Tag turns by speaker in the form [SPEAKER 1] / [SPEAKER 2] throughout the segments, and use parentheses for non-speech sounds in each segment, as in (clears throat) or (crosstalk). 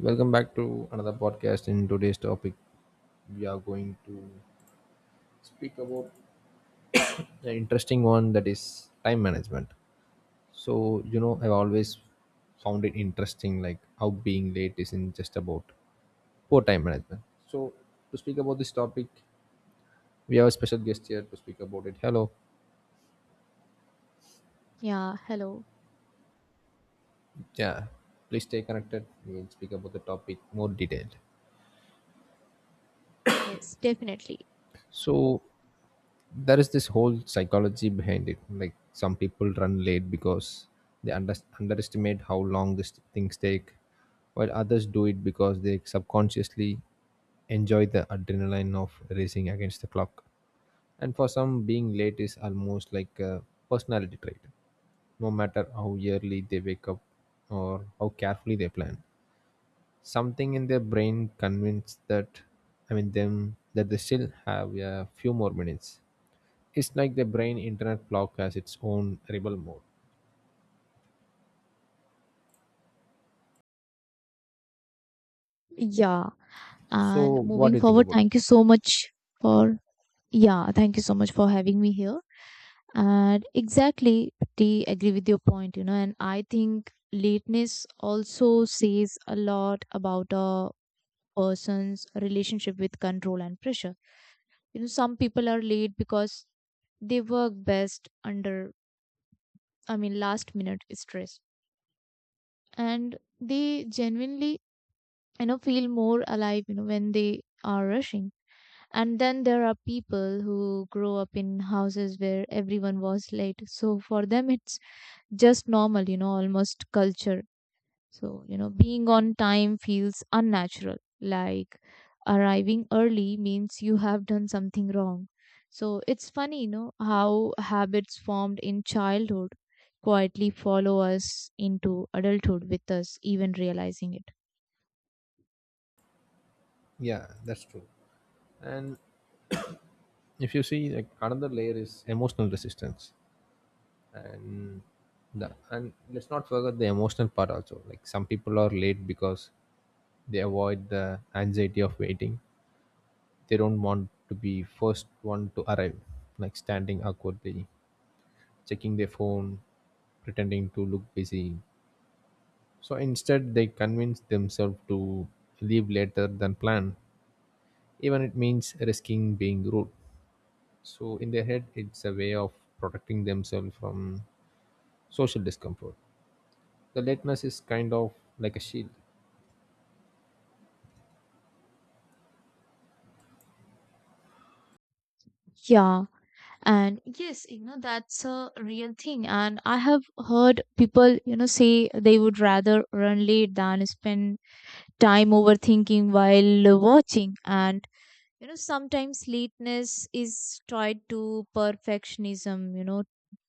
[SPEAKER 1] Welcome back to another podcast. In today's topic, we are going to speak about an interesting one, that is time management. I've always found it interesting, like how being late isn't just about poor time management. So, to speak about this topic, we have a special guest here to speak about it. Hello.
[SPEAKER 2] Yeah, hello.
[SPEAKER 1] Yeah. Please stay connected. We'll speak about the topic more detailed.
[SPEAKER 2] Yes, definitely.
[SPEAKER 1] So, there is this whole psychology behind it, like some people run late because they underestimate how long these things take, while others do it because they subconsciously enjoy the adrenaline of racing against the clock. And for some, being late is almost like a personality trait. No matter how early they wake up or how carefully they plan, something in their brain convinced that, them, that they still have a few more minutes. It's like the brain internet block has its own rebel mode.
[SPEAKER 2] Yeah,
[SPEAKER 1] So
[SPEAKER 2] and
[SPEAKER 1] what
[SPEAKER 2] moving
[SPEAKER 1] do you think
[SPEAKER 2] forward,
[SPEAKER 1] about it?
[SPEAKER 2] thank you so much for, yeah, thank you so much for having me here. And exactly, they agree with your point, you know, and I think lateness also says a lot about a person's relationship with control and pressure. You know, some people are late because they work best under, I mean, last minute stress. And they genuinely, you know, feel more alive, you know, when they are rushing. And then there are people who grow up in houses where everyone was late. So for them, it's just normal, you know, almost culture. So, you know, being on time feels unnatural. Like arriving early means you have done something wrong. So it's funny, you know, how habits formed in childhood quietly follow us into adulthood with us even realizing it.
[SPEAKER 1] Yeah, that's true. And if you see, like another layer is emotional resistance. And the and let's not forget the emotional part also, like some people are late because they avoid the anxiety of waiting. They don't want to be first one to arrive, like standing awkwardly, checking their phone, pretending to look busy. So instead, they convince themselves to leave later than planned, even it means risking being rude. So in their head, it's a way of protecting themselves from social discomfort. The lateness is kind of like a shield.
[SPEAKER 2] Yeah, and yes, you know, that's a real thing. And I have heard people, you know, say they would rather run late than spend time overthinking while watching. And, you know, sometimes lateness is tied to perfectionism, you know,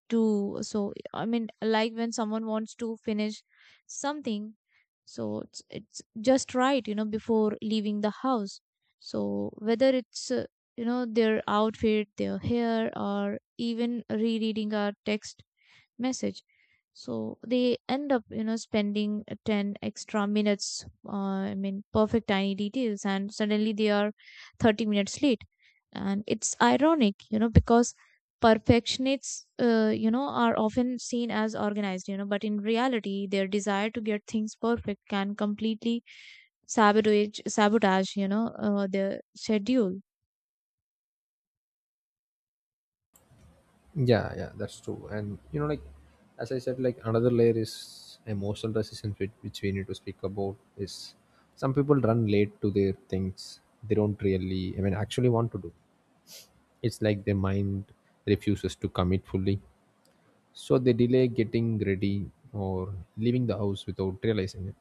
[SPEAKER 2] to so I mean like when someone wants to finish something so it's just right, you know, before leaving the house. So whether it's you know, their outfit, their hair, or even rereading a text message, so they end up, you know, spending 10 extra minutes perfect tiny details, and suddenly they are 30 minutes late. And it's ironic, you know, because perfectionists you know, are often seen as organized, you know, but in reality their desire to get things perfect can completely sabotage you know, their schedule.
[SPEAKER 1] Yeah, yeah, that's true. And you know, like as I said, like another layer is emotional resistance, which we need to speak about. Is, some people run late to their things they don't really, actually want to do. It's like their mind refuses to commit fully, so they delay getting ready or leaving the house without realizing it.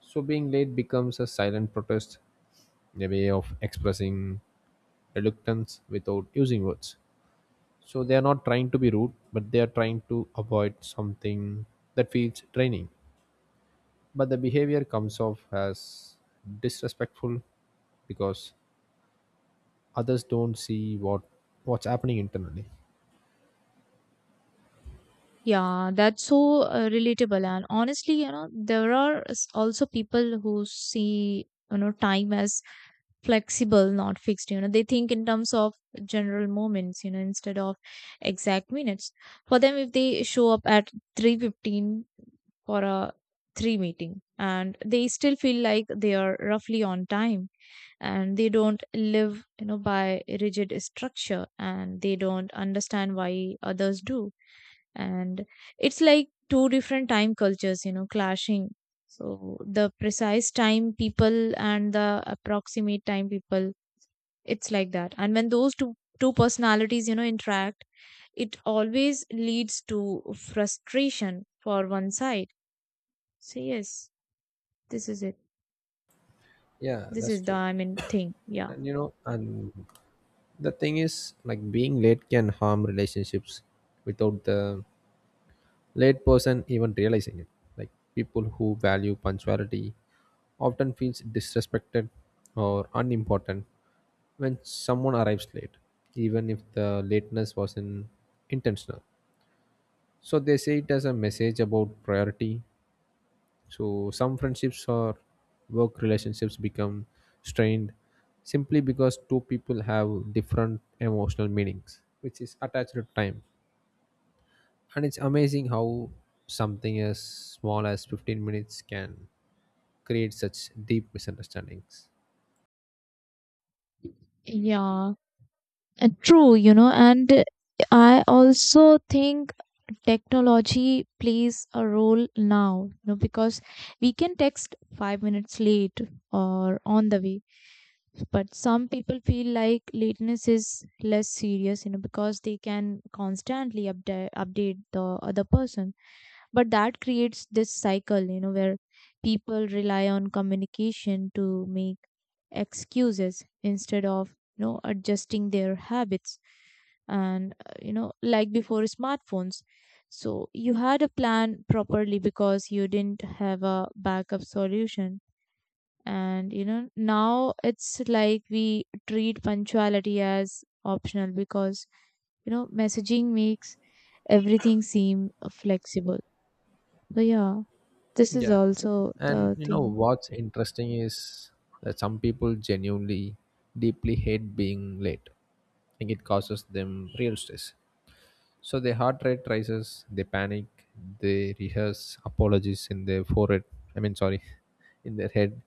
[SPEAKER 1] So being late becomes a silent protest, a way of expressing reluctance without using words. So they are not trying to be rude, but they are trying to avoid something that feels draining, but the behavior comes off as disrespectful, because others don't see what's happening internally.
[SPEAKER 2] Yeah, that's so relatable. And honestly, you know, there are also people who see, you know, time as flexible, not fixed. You know, they think in terms of general moments, you know, instead of exact minutes. For them, if they show up at 3:15 for a three meeting, and they still feel like they are roughly on time, and they don't live, you know, by rigid structure, and they don't understand why others do. And it's like two different time cultures, you know, clashing. So the precise time people and the approximate time people, it's like that. And when those two personalities, you know, interact, it always leads to frustration for one side. So yes, this is it.
[SPEAKER 1] Yeah,
[SPEAKER 2] This
[SPEAKER 1] that's
[SPEAKER 2] is the,
[SPEAKER 1] true.
[SPEAKER 2] I mean, thing. Yeah.
[SPEAKER 1] And you know and the thing is, like being late can harm relationships without the late person even realizing it. Like, people who value punctuality often feels disrespected or unimportant when someone arrives late, even if the lateness wasn't intentional. So they say it as a message about priority. So some friendships or work relationships become strained simply because two people have different emotional meanings, which is attached to time. And it's amazing how something as small as 15 minutes can create such deep misunderstandings.
[SPEAKER 2] Yeah, true, you know. And I also think technology plays a role now, you know, because we can text 5 minutes late or on the way, but some people feel like lateness is less serious, you know, because they can constantly update the other person. But that creates this cycle, you know, where people rely on communication to make excuses instead of, you know, adjusting their habits. And you know, like before smartphones, so you had a plan properly because you didn't have a backup solution. And you know, now it's like we treat punctuality as optional because, you know, messaging makes everything seem flexible. So yeah, this is
[SPEAKER 1] Yeah.
[SPEAKER 2] also
[SPEAKER 1] And
[SPEAKER 2] the
[SPEAKER 1] you know
[SPEAKER 2] thing.
[SPEAKER 1] what's interesting is that some people genuinely deeply hate being late. I think it causes them real stress. So their heart rate rises, they panic, they rehearse apologies in their forehead. I mean, sorry, (laughs) in their head.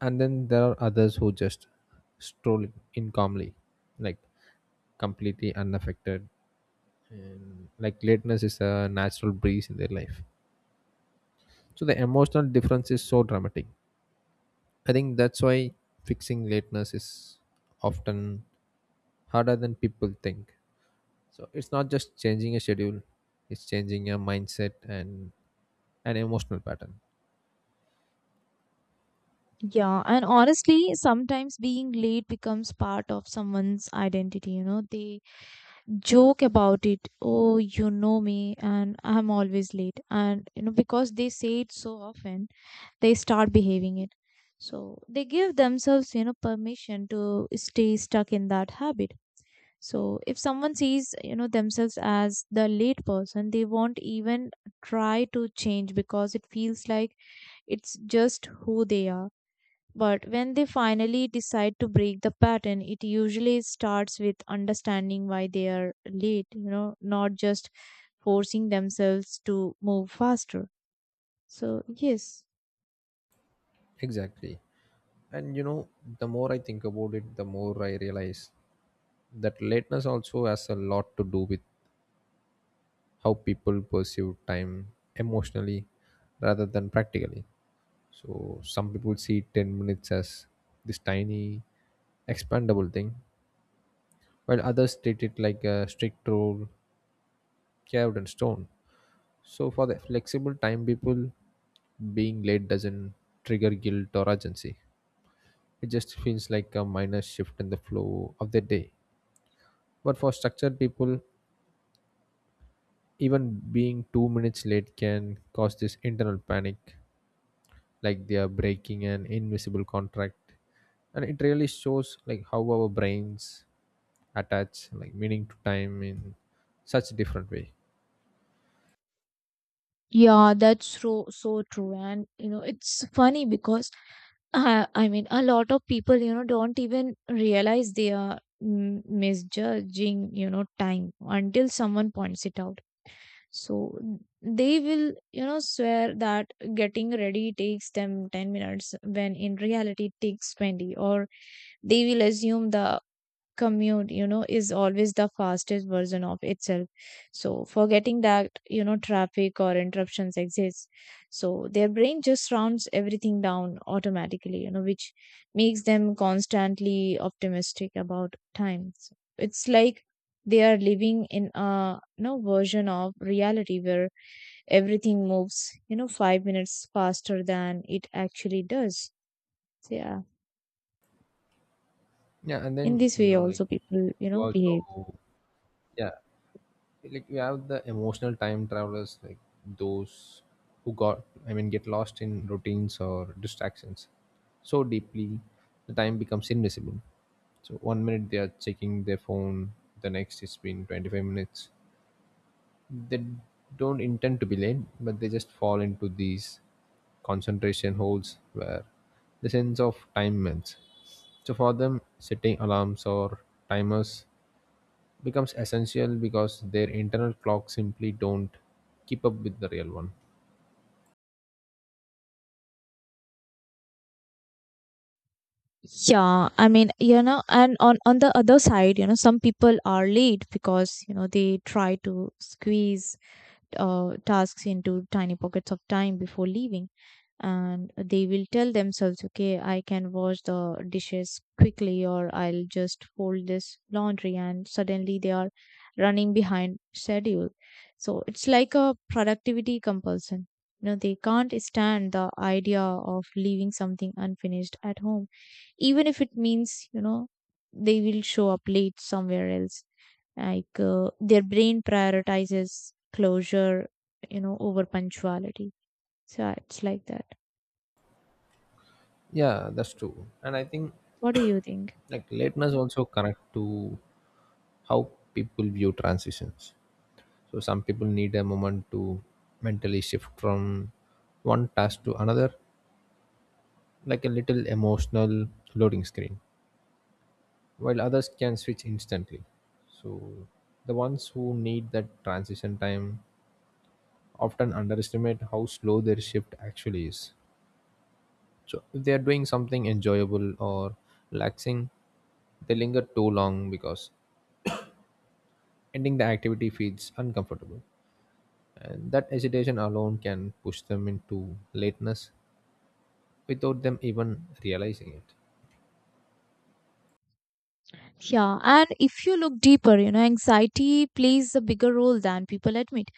[SPEAKER 1] And then there are others who just stroll in calmly, like completely unaffected. And like, lateness is a natural breeze in their life. So the emotional difference is so dramatic. I think that's why fixing lateness is often harder than people think. So it's not just changing a schedule, it's changing a mindset and an emotional pattern.
[SPEAKER 2] Yeah, and honestly, sometimes being late becomes part of someone's identity. You know, they joke about it. Oh, you know me, and I'm always late. And, you know, because they say it so often, they start behaving it. So they give themselves, you know, permission to stay stuck in that habit. So if someone sees, you know, themselves as the late person, they won't even try to change because it feels like it's just who they are. But when they finally decide to break the pattern, it usually starts with understanding why they are late, you know, not just forcing themselves to move faster. So, yes.
[SPEAKER 1] Exactly. And you know, the more I think about it, the more I realize that lateness also has a lot to do with how people perceive time emotionally rather than practically. So some people see 10 minutes as this tiny expandable thing, while others treat it like a strict rule carved in stone. So for the flexible time people, being late doesn't trigger guilt or urgency. It just feels like a minor shift in the flow of the day. But for structured people, even being 2 minutes late can cause this internal panic, like they are breaking an invisible contract. And it really shows, like how our brains attach like meaning to time in such different way.
[SPEAKER 2] Yeah, that's so so true, and you know it's funny because I mean, a lot of people, you know, don't even realize they are misjudging, you know, time until someone points it out. So they will, you know, swear that getting ready takes them 10 minutes when in reality it takes 20, or they will assume the commute, you know, is always the fastest version of itself, so forgetting that, you know, traffic or interruptions exist. So their brain just rounds everything down automatically, you know, which makes them constantly optimistic about time. So it's like they are living in a, you know, version of reality where everything moves, you know, 5 minutes faster than it actually does. So yeah,
[SPEAKER 1] Yeah, and
[SPEAKER 2] in
[SPEAKER 1] then
[SPEAKER 2] this
[SPEAKER 1] you
[SPEAKER 2] way
[SPEAKER 1] know like
[SPEAKER 2] also people, you
[SPEAKER 1] you
[SPEAKER 2] know, behave.
[SPEAKER 1] also, yeah, like we have the emotional time travelers, like those who got I mean get lost in routines or distractions so deeply the time becomes invisible. So one minute they are checking their phone, the next it's been 25 minutes. They don't intend to be late, but they just fall into these concentration holes where the sense of time melts. So for them, setting alarms or timers becomes essential because their internal clocks simply don't keep up with the real one.
[SPEAKER 2] Yeah, I mean, you know, and on the other side, you know, some people are late because, you know, they try to squeeze tasks into tiny pockets of time before leaving, and they will tell themselves, okay, I can wash the dishes quickly, or I'll just fold this laundry, and suddenly they are running behind schedule. So it's like a productivity compulsion. You know, they can't stand the idea of leaving something unfinished at home, even if it means, you know, they will show up late somewhere else. Like their brain prioritizes closure, you know, over punctuality. So yeah, it's like that.
[SPEAKER 1] Yeah, that's true. And I think,
[SPEAKER 2] What do you think?
[SPEAKER 1] like lateness also connect to how people view transitions. So some people need a moment to mentally shift from one task to another, like a little emotional loading screen, while others can switch instantly. So the ones who need that transition time often underestimate how slow their shift actually is. So if they are doing something enjoyable or relaxing, they linger too long because ending the activity feels uncomfortable. And that hesitation alone can push them into lateness without them even realizing it.
[SPEAKER 2] Yeah, and if you look deeper, you know, anxiety plays a bigger role than people admit.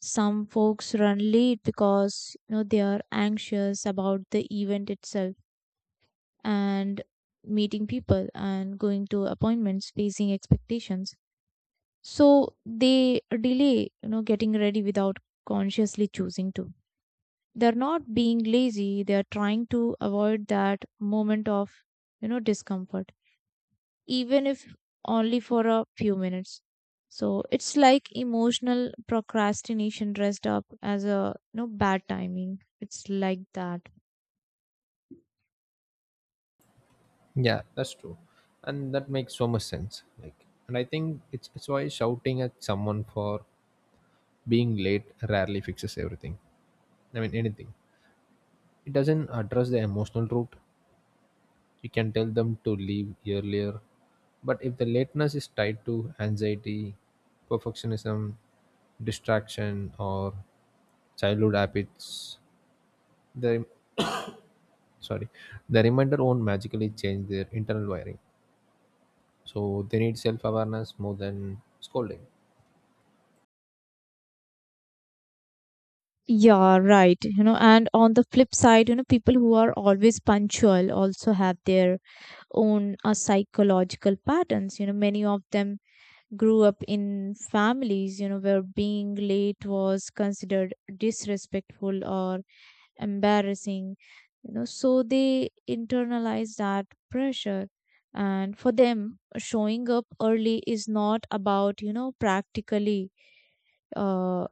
[SPEAKER 2] Some folks run late because, you know, they are anxious about the event itself, and meeting people and going to appointments, facing expectations. So they delay, you know, getting ready without consciously choosing to. They're not being lazy, they're trying to avoid that moment of, you know, discomfort, even if only for a few minutes. So it's like emotional procrastination dressed up as a, you know, bad timing. It's like that.
[SPEAKER 1] Yeah, that's true. And that makes so much sense. Like, and I think it's why shouting at someone for being late rarely fixes everything. I mean anything. It doesn't address the emotional root. You can tell them to leave earlier. But if the lateness is tied to anxiety, perfectionism, distraction, or childhood habits, the sorry, the reminder won't magically change their internal wiring. So they need self-awareness more than scolding.
[SPEAKER 2] Yeah, right. You know, and on the flip side, you know, people who are always punctual also have their own psychological patterns. You know, many of them grew up in families, you know, where being late was considered disrespectful or embarrassing, you know, so they internalize that pressure. And for them, showing up early is not about, you know, practically, uh,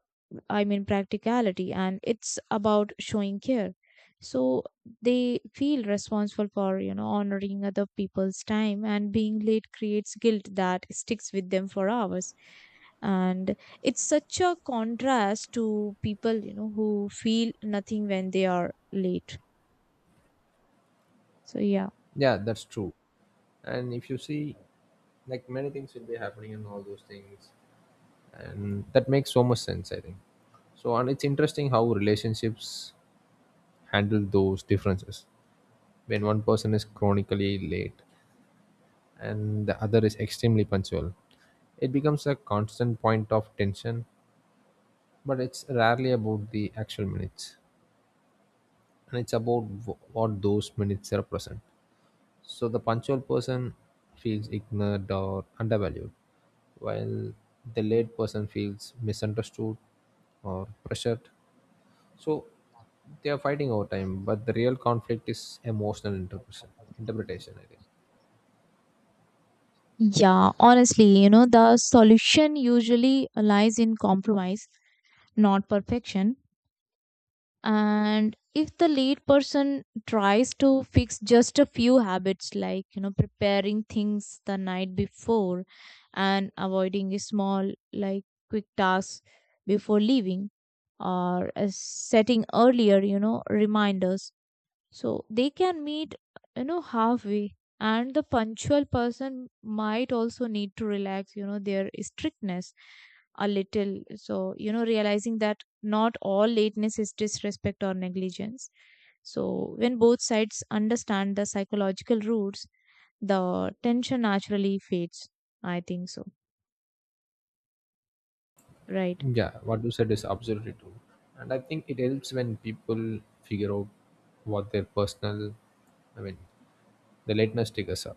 [SPEAKER 2] I mean, practicality, and it's about showing care. So they feel responsible for, you know, honoring other people's time, and being late creates guilt that sticks with them for hours. And it's such a contrast to people, you know, who feel nothing when they are late. So yeah.
[SPEAKER 1] Yeah, that's true. And if you see, like many things will be happening in all those things, and that makes so much sense. I think so, and it's interesting how relationships handle those differences, when one person is chronically late and the other is extremely punctual. It becomes a constant point of tension, but it's rarely about the actual minutes, and it's about what those minutes represent. So the punctual person feels ignored or undervalued, while the late person feels misunderstood or pressured. So they are fighting over time, but the real conflict is emotional interpretation, I think.
[SPEAKER 2] Yeah, honestly, you know, the solution usually lies in compromise, not perfection. And if the lead person tries to fix just a few habits, like, you know, preparing things the night before and avoiding a small like quick tasks before leaving, or setting earlier, you know, reminders, so they can meet, you know, halfway. And the punctual person might also need to relax, you know, their strictness a little, so you know, realizing that not all lateness is disrespect or negligence. So when both sides understand the psychological roots, the tension naturally fades. I think so, right.
[SPEAKER 1] Yeah, what you said is absolutely true. And I think it helps when people figure out what their I mean, the lateness triggers are.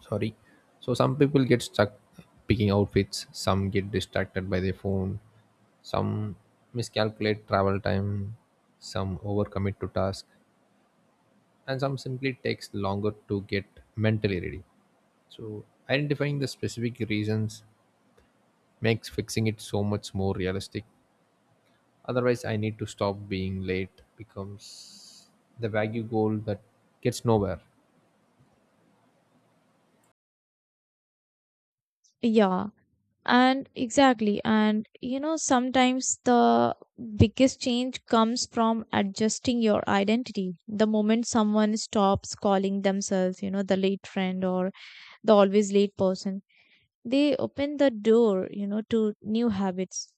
[SPEAKER 1] Sorry. So some people get stuck picking outfits, some get distracted by their phone, some miscalculate travel time, some overcommit to task, and some simply takes longer to get mentally ready. So identifying the specific reasons makes fixing it so much more realistic. Otherwise, I need to stop being late becomes the vague goal that gets nowhere.
[SPEAKER 2] Yeah. And exactly. And you know, sometimes the biggest change comes from adjusting your identity. The moment someone stops calling themselves, you know, the late friend or the always late person, they open the door, you know, to new habits.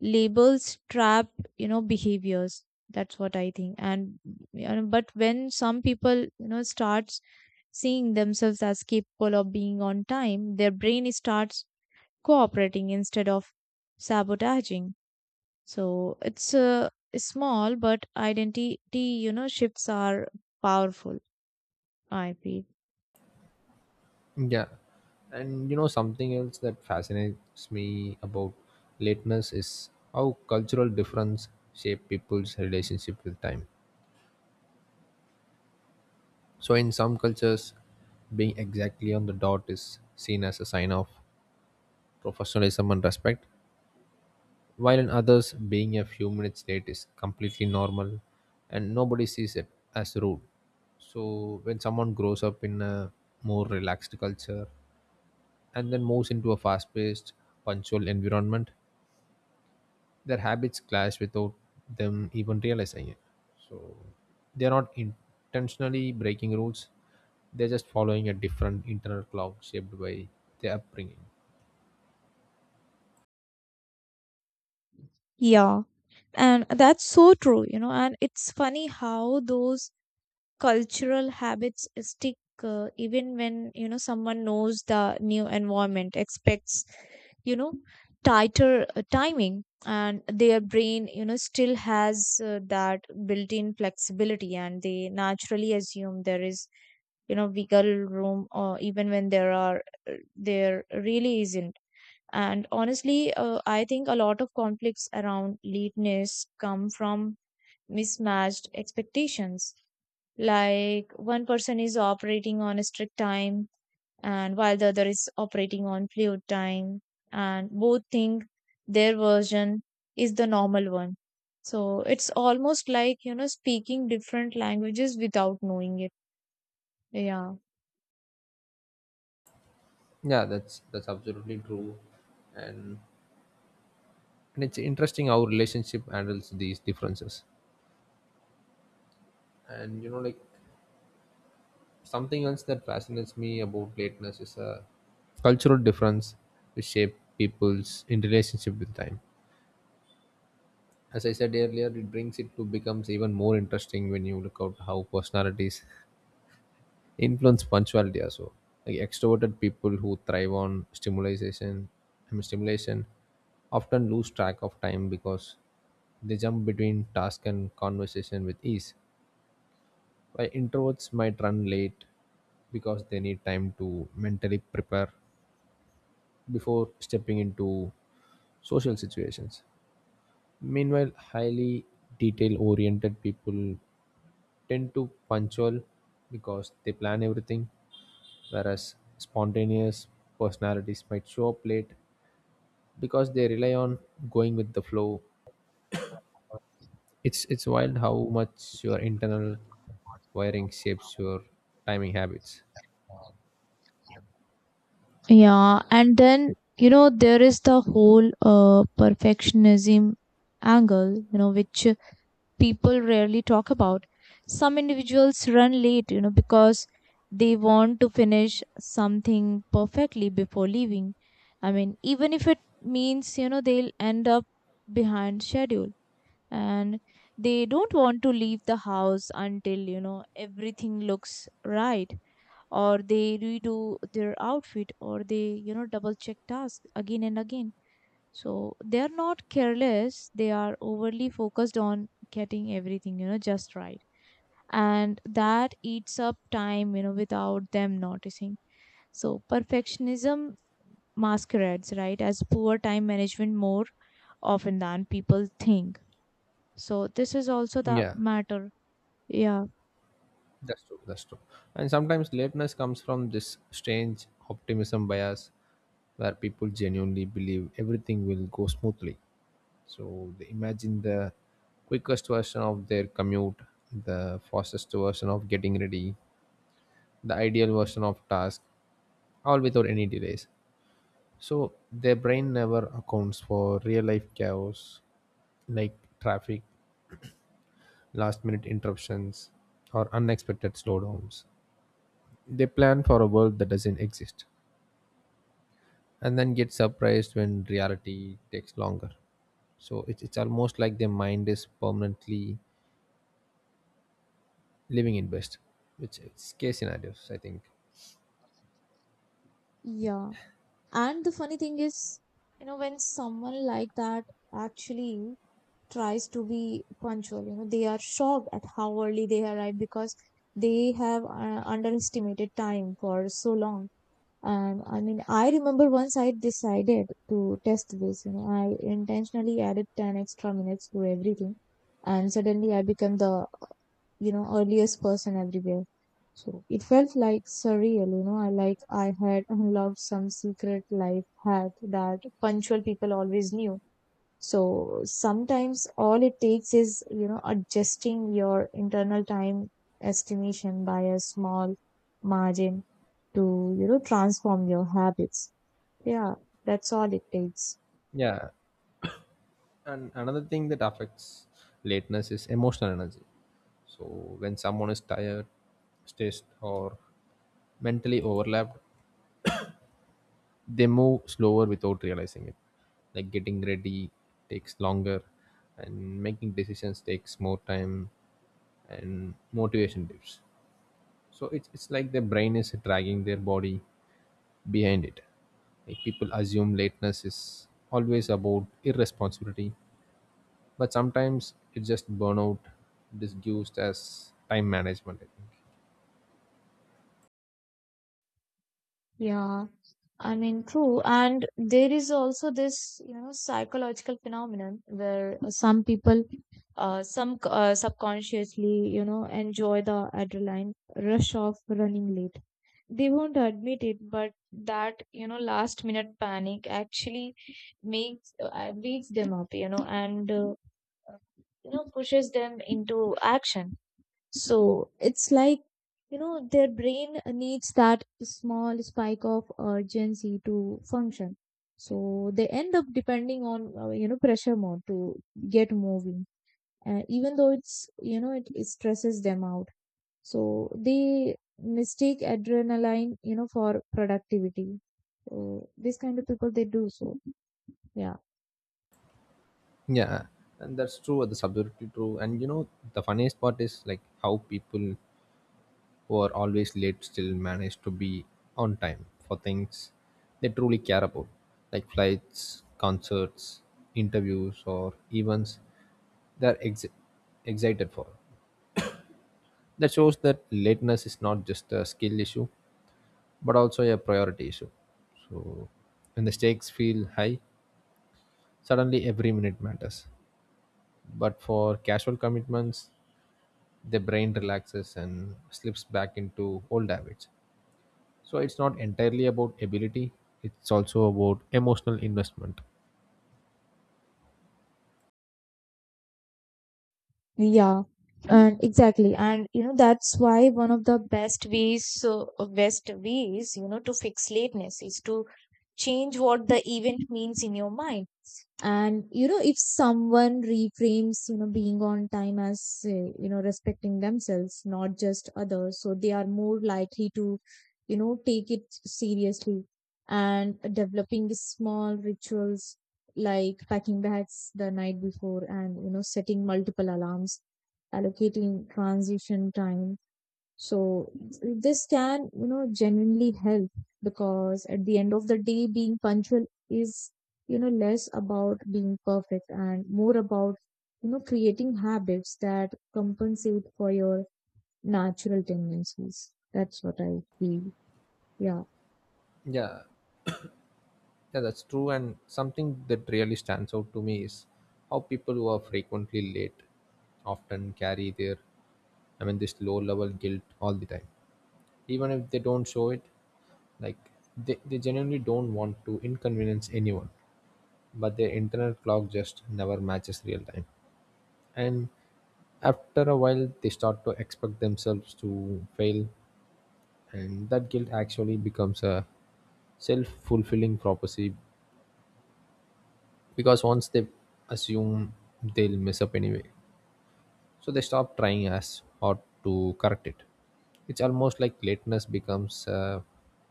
[SPEAKER 2] Labels trap, you know, behaviors. That's what I think. And you know, but when some people, you know, starts seeing themselves as capable of being on time, their brain starts cooperating instead of sabotaging. So it's small, but identity, you know, shifts are powerful, I feel.
[SPEAKER 1] Yeah. Something else that fascinates me about lateness is how cultural difference shape people's relationship with time. So in some cultures, being exactly on the dot is seen as a sign of professionalism and respect, while in others, being a few minutes late is completely normal and nobody sees it as rude. So when someone grows up in a more relaxed culture and then moves into a fast paced, punctual environment, their habits clash without them even realizing it. So they're not intentionally breaking rules, they're just following a different internal clock shaped by their upbringing.
[SPEAKER 2] Yeah. And that's so true, you know, and it's funny how those cultural habits stick even when, you know, someone knows the new environment, expects, you know, tighter timing, and their brain, you know, still has that built-in flexibility, and they naturally assume there is, you know, wiggle room, or even when there are there really isn't. And honestly, I think a lot of conflicts around lateness come from mismatched expectations, like one person is operating on a strict time, and while the other is operating on fluid time, and both think their version is the normal one. So it's almost like, you know, speaking different languages without knowing it. Yeah.
[SPEAKER 1] Yeah, that's absolutely true, and and it's interesting how relationship handles these differences. And you know like Something else that fascinates me about lateness is a cultural difference which shape people's in relationship with time. As I said earlier, it brings it to becomes even more interesting when you look out how personalities (laughs) influence punctuality also, like extroverted people who thrive on stimulation often lose track of time because they jump between task and conversation with ease. Why introverts might run late, because they need time to mentally prepare before stepping into social situations. Meanwhile, highly detail oriented people tend to punctual because they plan everything, whereas spontaneous personalities might show up late because they rely on going with the flow. It's wild how much your internal wiring shapes your timing habits.
[SPEAKER 2] Yeah, and then you know there is the whole perfectionism angle, you know, which people rarely talk about. Some individuals run late, you know, because they want to finish something perfectly before leaving. I mean, even if it means, you know, they'll end up behind schedule, and they don't want to leave the house until, you know, everything looks right, or they redo their outfit, or they, you know, double check tasks again and again. So they are not careless, they are overly focused on getting everything, you know, just right. And that eats up time, you know, without them noticing. So perfectionism masquerades, right, as poor time management more often than people think. So this is also the
[SPEAKER 1] Yeah.
[SPEAKER 2] matter. Yeah.
[SPEAKER 1] That's true. And sometimes lateness comes from this strange optimism bias, where people genuinely believe everything will go smoothly. So they imagine the quickest version of their commute, the fastest version of getting ready, the ideal version of task, all without any delays. So their brain never accounts for real life chaos, like traffic, last minute interruptions, or unexpected slowdowns. They plan for a world that doesn't exist and then get surprised when reality takes longer. So it's almost like their mind is permanently living in best, which is case scenarios, I think.
[SPEAKER 2] Yeah. And the funny thing is, you know, when someone like that actually tries to be punctual, you know, they are shocked at how early they arrive because they have underestimated time for so long. And I mean, I remember once I decided to test this, you know, I intentionally added 10 extra minutes to everything, and suddenly I became the, you know, earliest person everywhere. So it felt like surreal, you know, I like I had unlocked some secret life hack that punctual people always knew. So sometimes all it takes is, you know, adjusting your internal time estimation by a small margin to, you know, transform your habits. Yeah, that's all it takes.
[SPEAKER 1] Yeah. And another thing that affects lateness is emotional energy. So when someone is tired, stressed, or mentally overlapped, they move slower without realizing it. Like, getting ready takes longer, and making decisions takes more time, and motivation dips. So it's like their brain is dragging their body behind it. Like, people assume lateness is always about irresponsibility, but sometimes it's just burnout disguised as time management, I think.
[SPEAKER 2] Yeah. I mean, true. And there is also this, you know, psychological phenomenon where some people, some subconsciously, you know, enjoy the adrenaline rush of running late. They won't admit it, but that, you know, last minute panic actually makes wakes them up, you know, and you know, pushes them into action. So it's like, you know, their brain needs that small spike of urgency to function. So they end up depending on you know, pressure more to get moving, even though it's, you know, it stresses them out. So they mistake adrenaline, you know, for productivity. So this kind of people they do so. Yeah.
[SPEAKER 1] Yeah, and that's true. The subjectivity true, and you know the funniest part is like how people who are always late still manage to be on time for things they truly care about, like flights, concerts, interviews, or events they're excited for. That shows that lateness is not just a skill issue, but also a priority issue. So when the stakes feel high, suddenly every minute matters. But for casual commitments, the brain relaxes and slips back into old habits. So it's not entirely about ability, it's also about emotional investment.
[SPEAKER 2] Yeah. And exactly. And you know, that's why one of the best ways best ways, you know, to fix lateness is to change what the event means in your mind. And you know, if someone reframes, you know, being on time as, you know, respecting themselves not just others, so they are more likely to, you know, take it seriously. And developing small rituals like packing bags the night before, and you know, setting multiple alarms, allocating transition time. So this can, you know, genuinely help because at the end of the day, being punctual is, you know, less about being perfect and more about, you know, creating habits that compensate for your natural tendencies. That's what I feel. Yeah.
[SPEAKER 1] Yeah, yeah, that's true. And something that really stands out to me is how people who are frequently late often carry this low level guilt all the time. Even if they don't show it, like they genuinely don't want to inconvenience anyone, but their internal clock just never matches real time. And after a while, they start to expect themselves to fail, and that guilt actually becomes a self-fulfilling prophecy, because once they assume they'll mess up anyway, so they stop trying as hard to correct it. It's almost like lateness becomes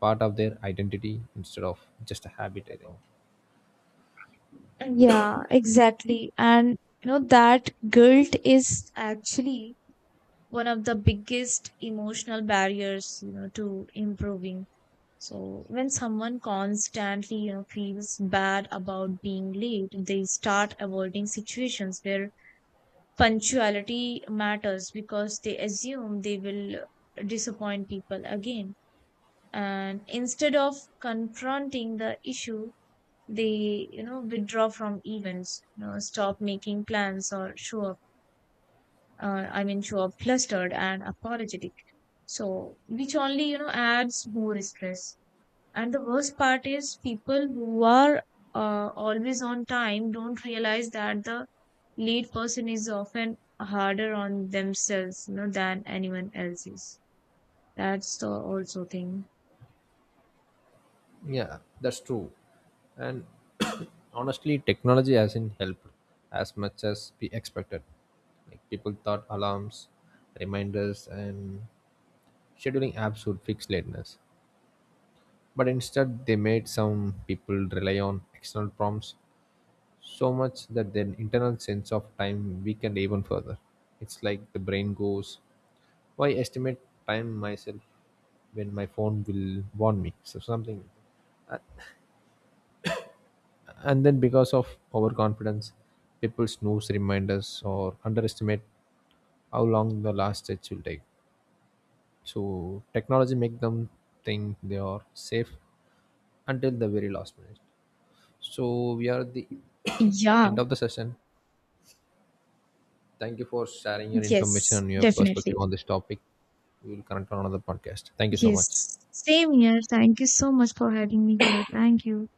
[SPEAKER 1] part of their identity instead of just a habit, I think.
[SPEAKER 2] Yeah, exactly. And you know, that guilt is actually one of the biggest emotional barriers, you know, to improving. So when someone constantly, you know, feels bad about being late, they start avoiding situations where punctuality matters because they assume they will disappoint people again. And instead of confronting the issue, they, you know, withdraw from events, you know, stop making plans, or show up, show up flustered and apologetic. So, which only, you know, adds more stress. And the worst part is people who are always on time don't realize that the lead person is often harder on themselves, you know, than anyone else is. That's the also thing.
[SPEAKER 1] Yeah, that's true. And (coughs) (clears throat) honestly, technology hasn't helped as much as we expected. Like, people thought alarms, reminders and scheduling apps would fix lateness. But instead, they made some people rely on external prompts so much that their internal sense of time weakened even further. It's like the brain goes, why estimate time myself when my phone will warn me? So, something. And then, because of overconfidence, people snooze reminders or underestimate how long the last stretch will take. So technology make them think they are safe until the very last minute. So we are at the (coughs)
[SPEAKER 2] Yeah,
[SPEAKER 1] end of the session. Thank you for sharing your information
[SPEAKER 2] yes,
[SPEAKER 1] and your perspective
[SPEAKER 2] definitely.
[SPEAKER 1] on this topic. We will connect on another podcast. Thank you so much.
[SPEAKER 2] Yes. Same here. Thank you so much for having me here. Thank you.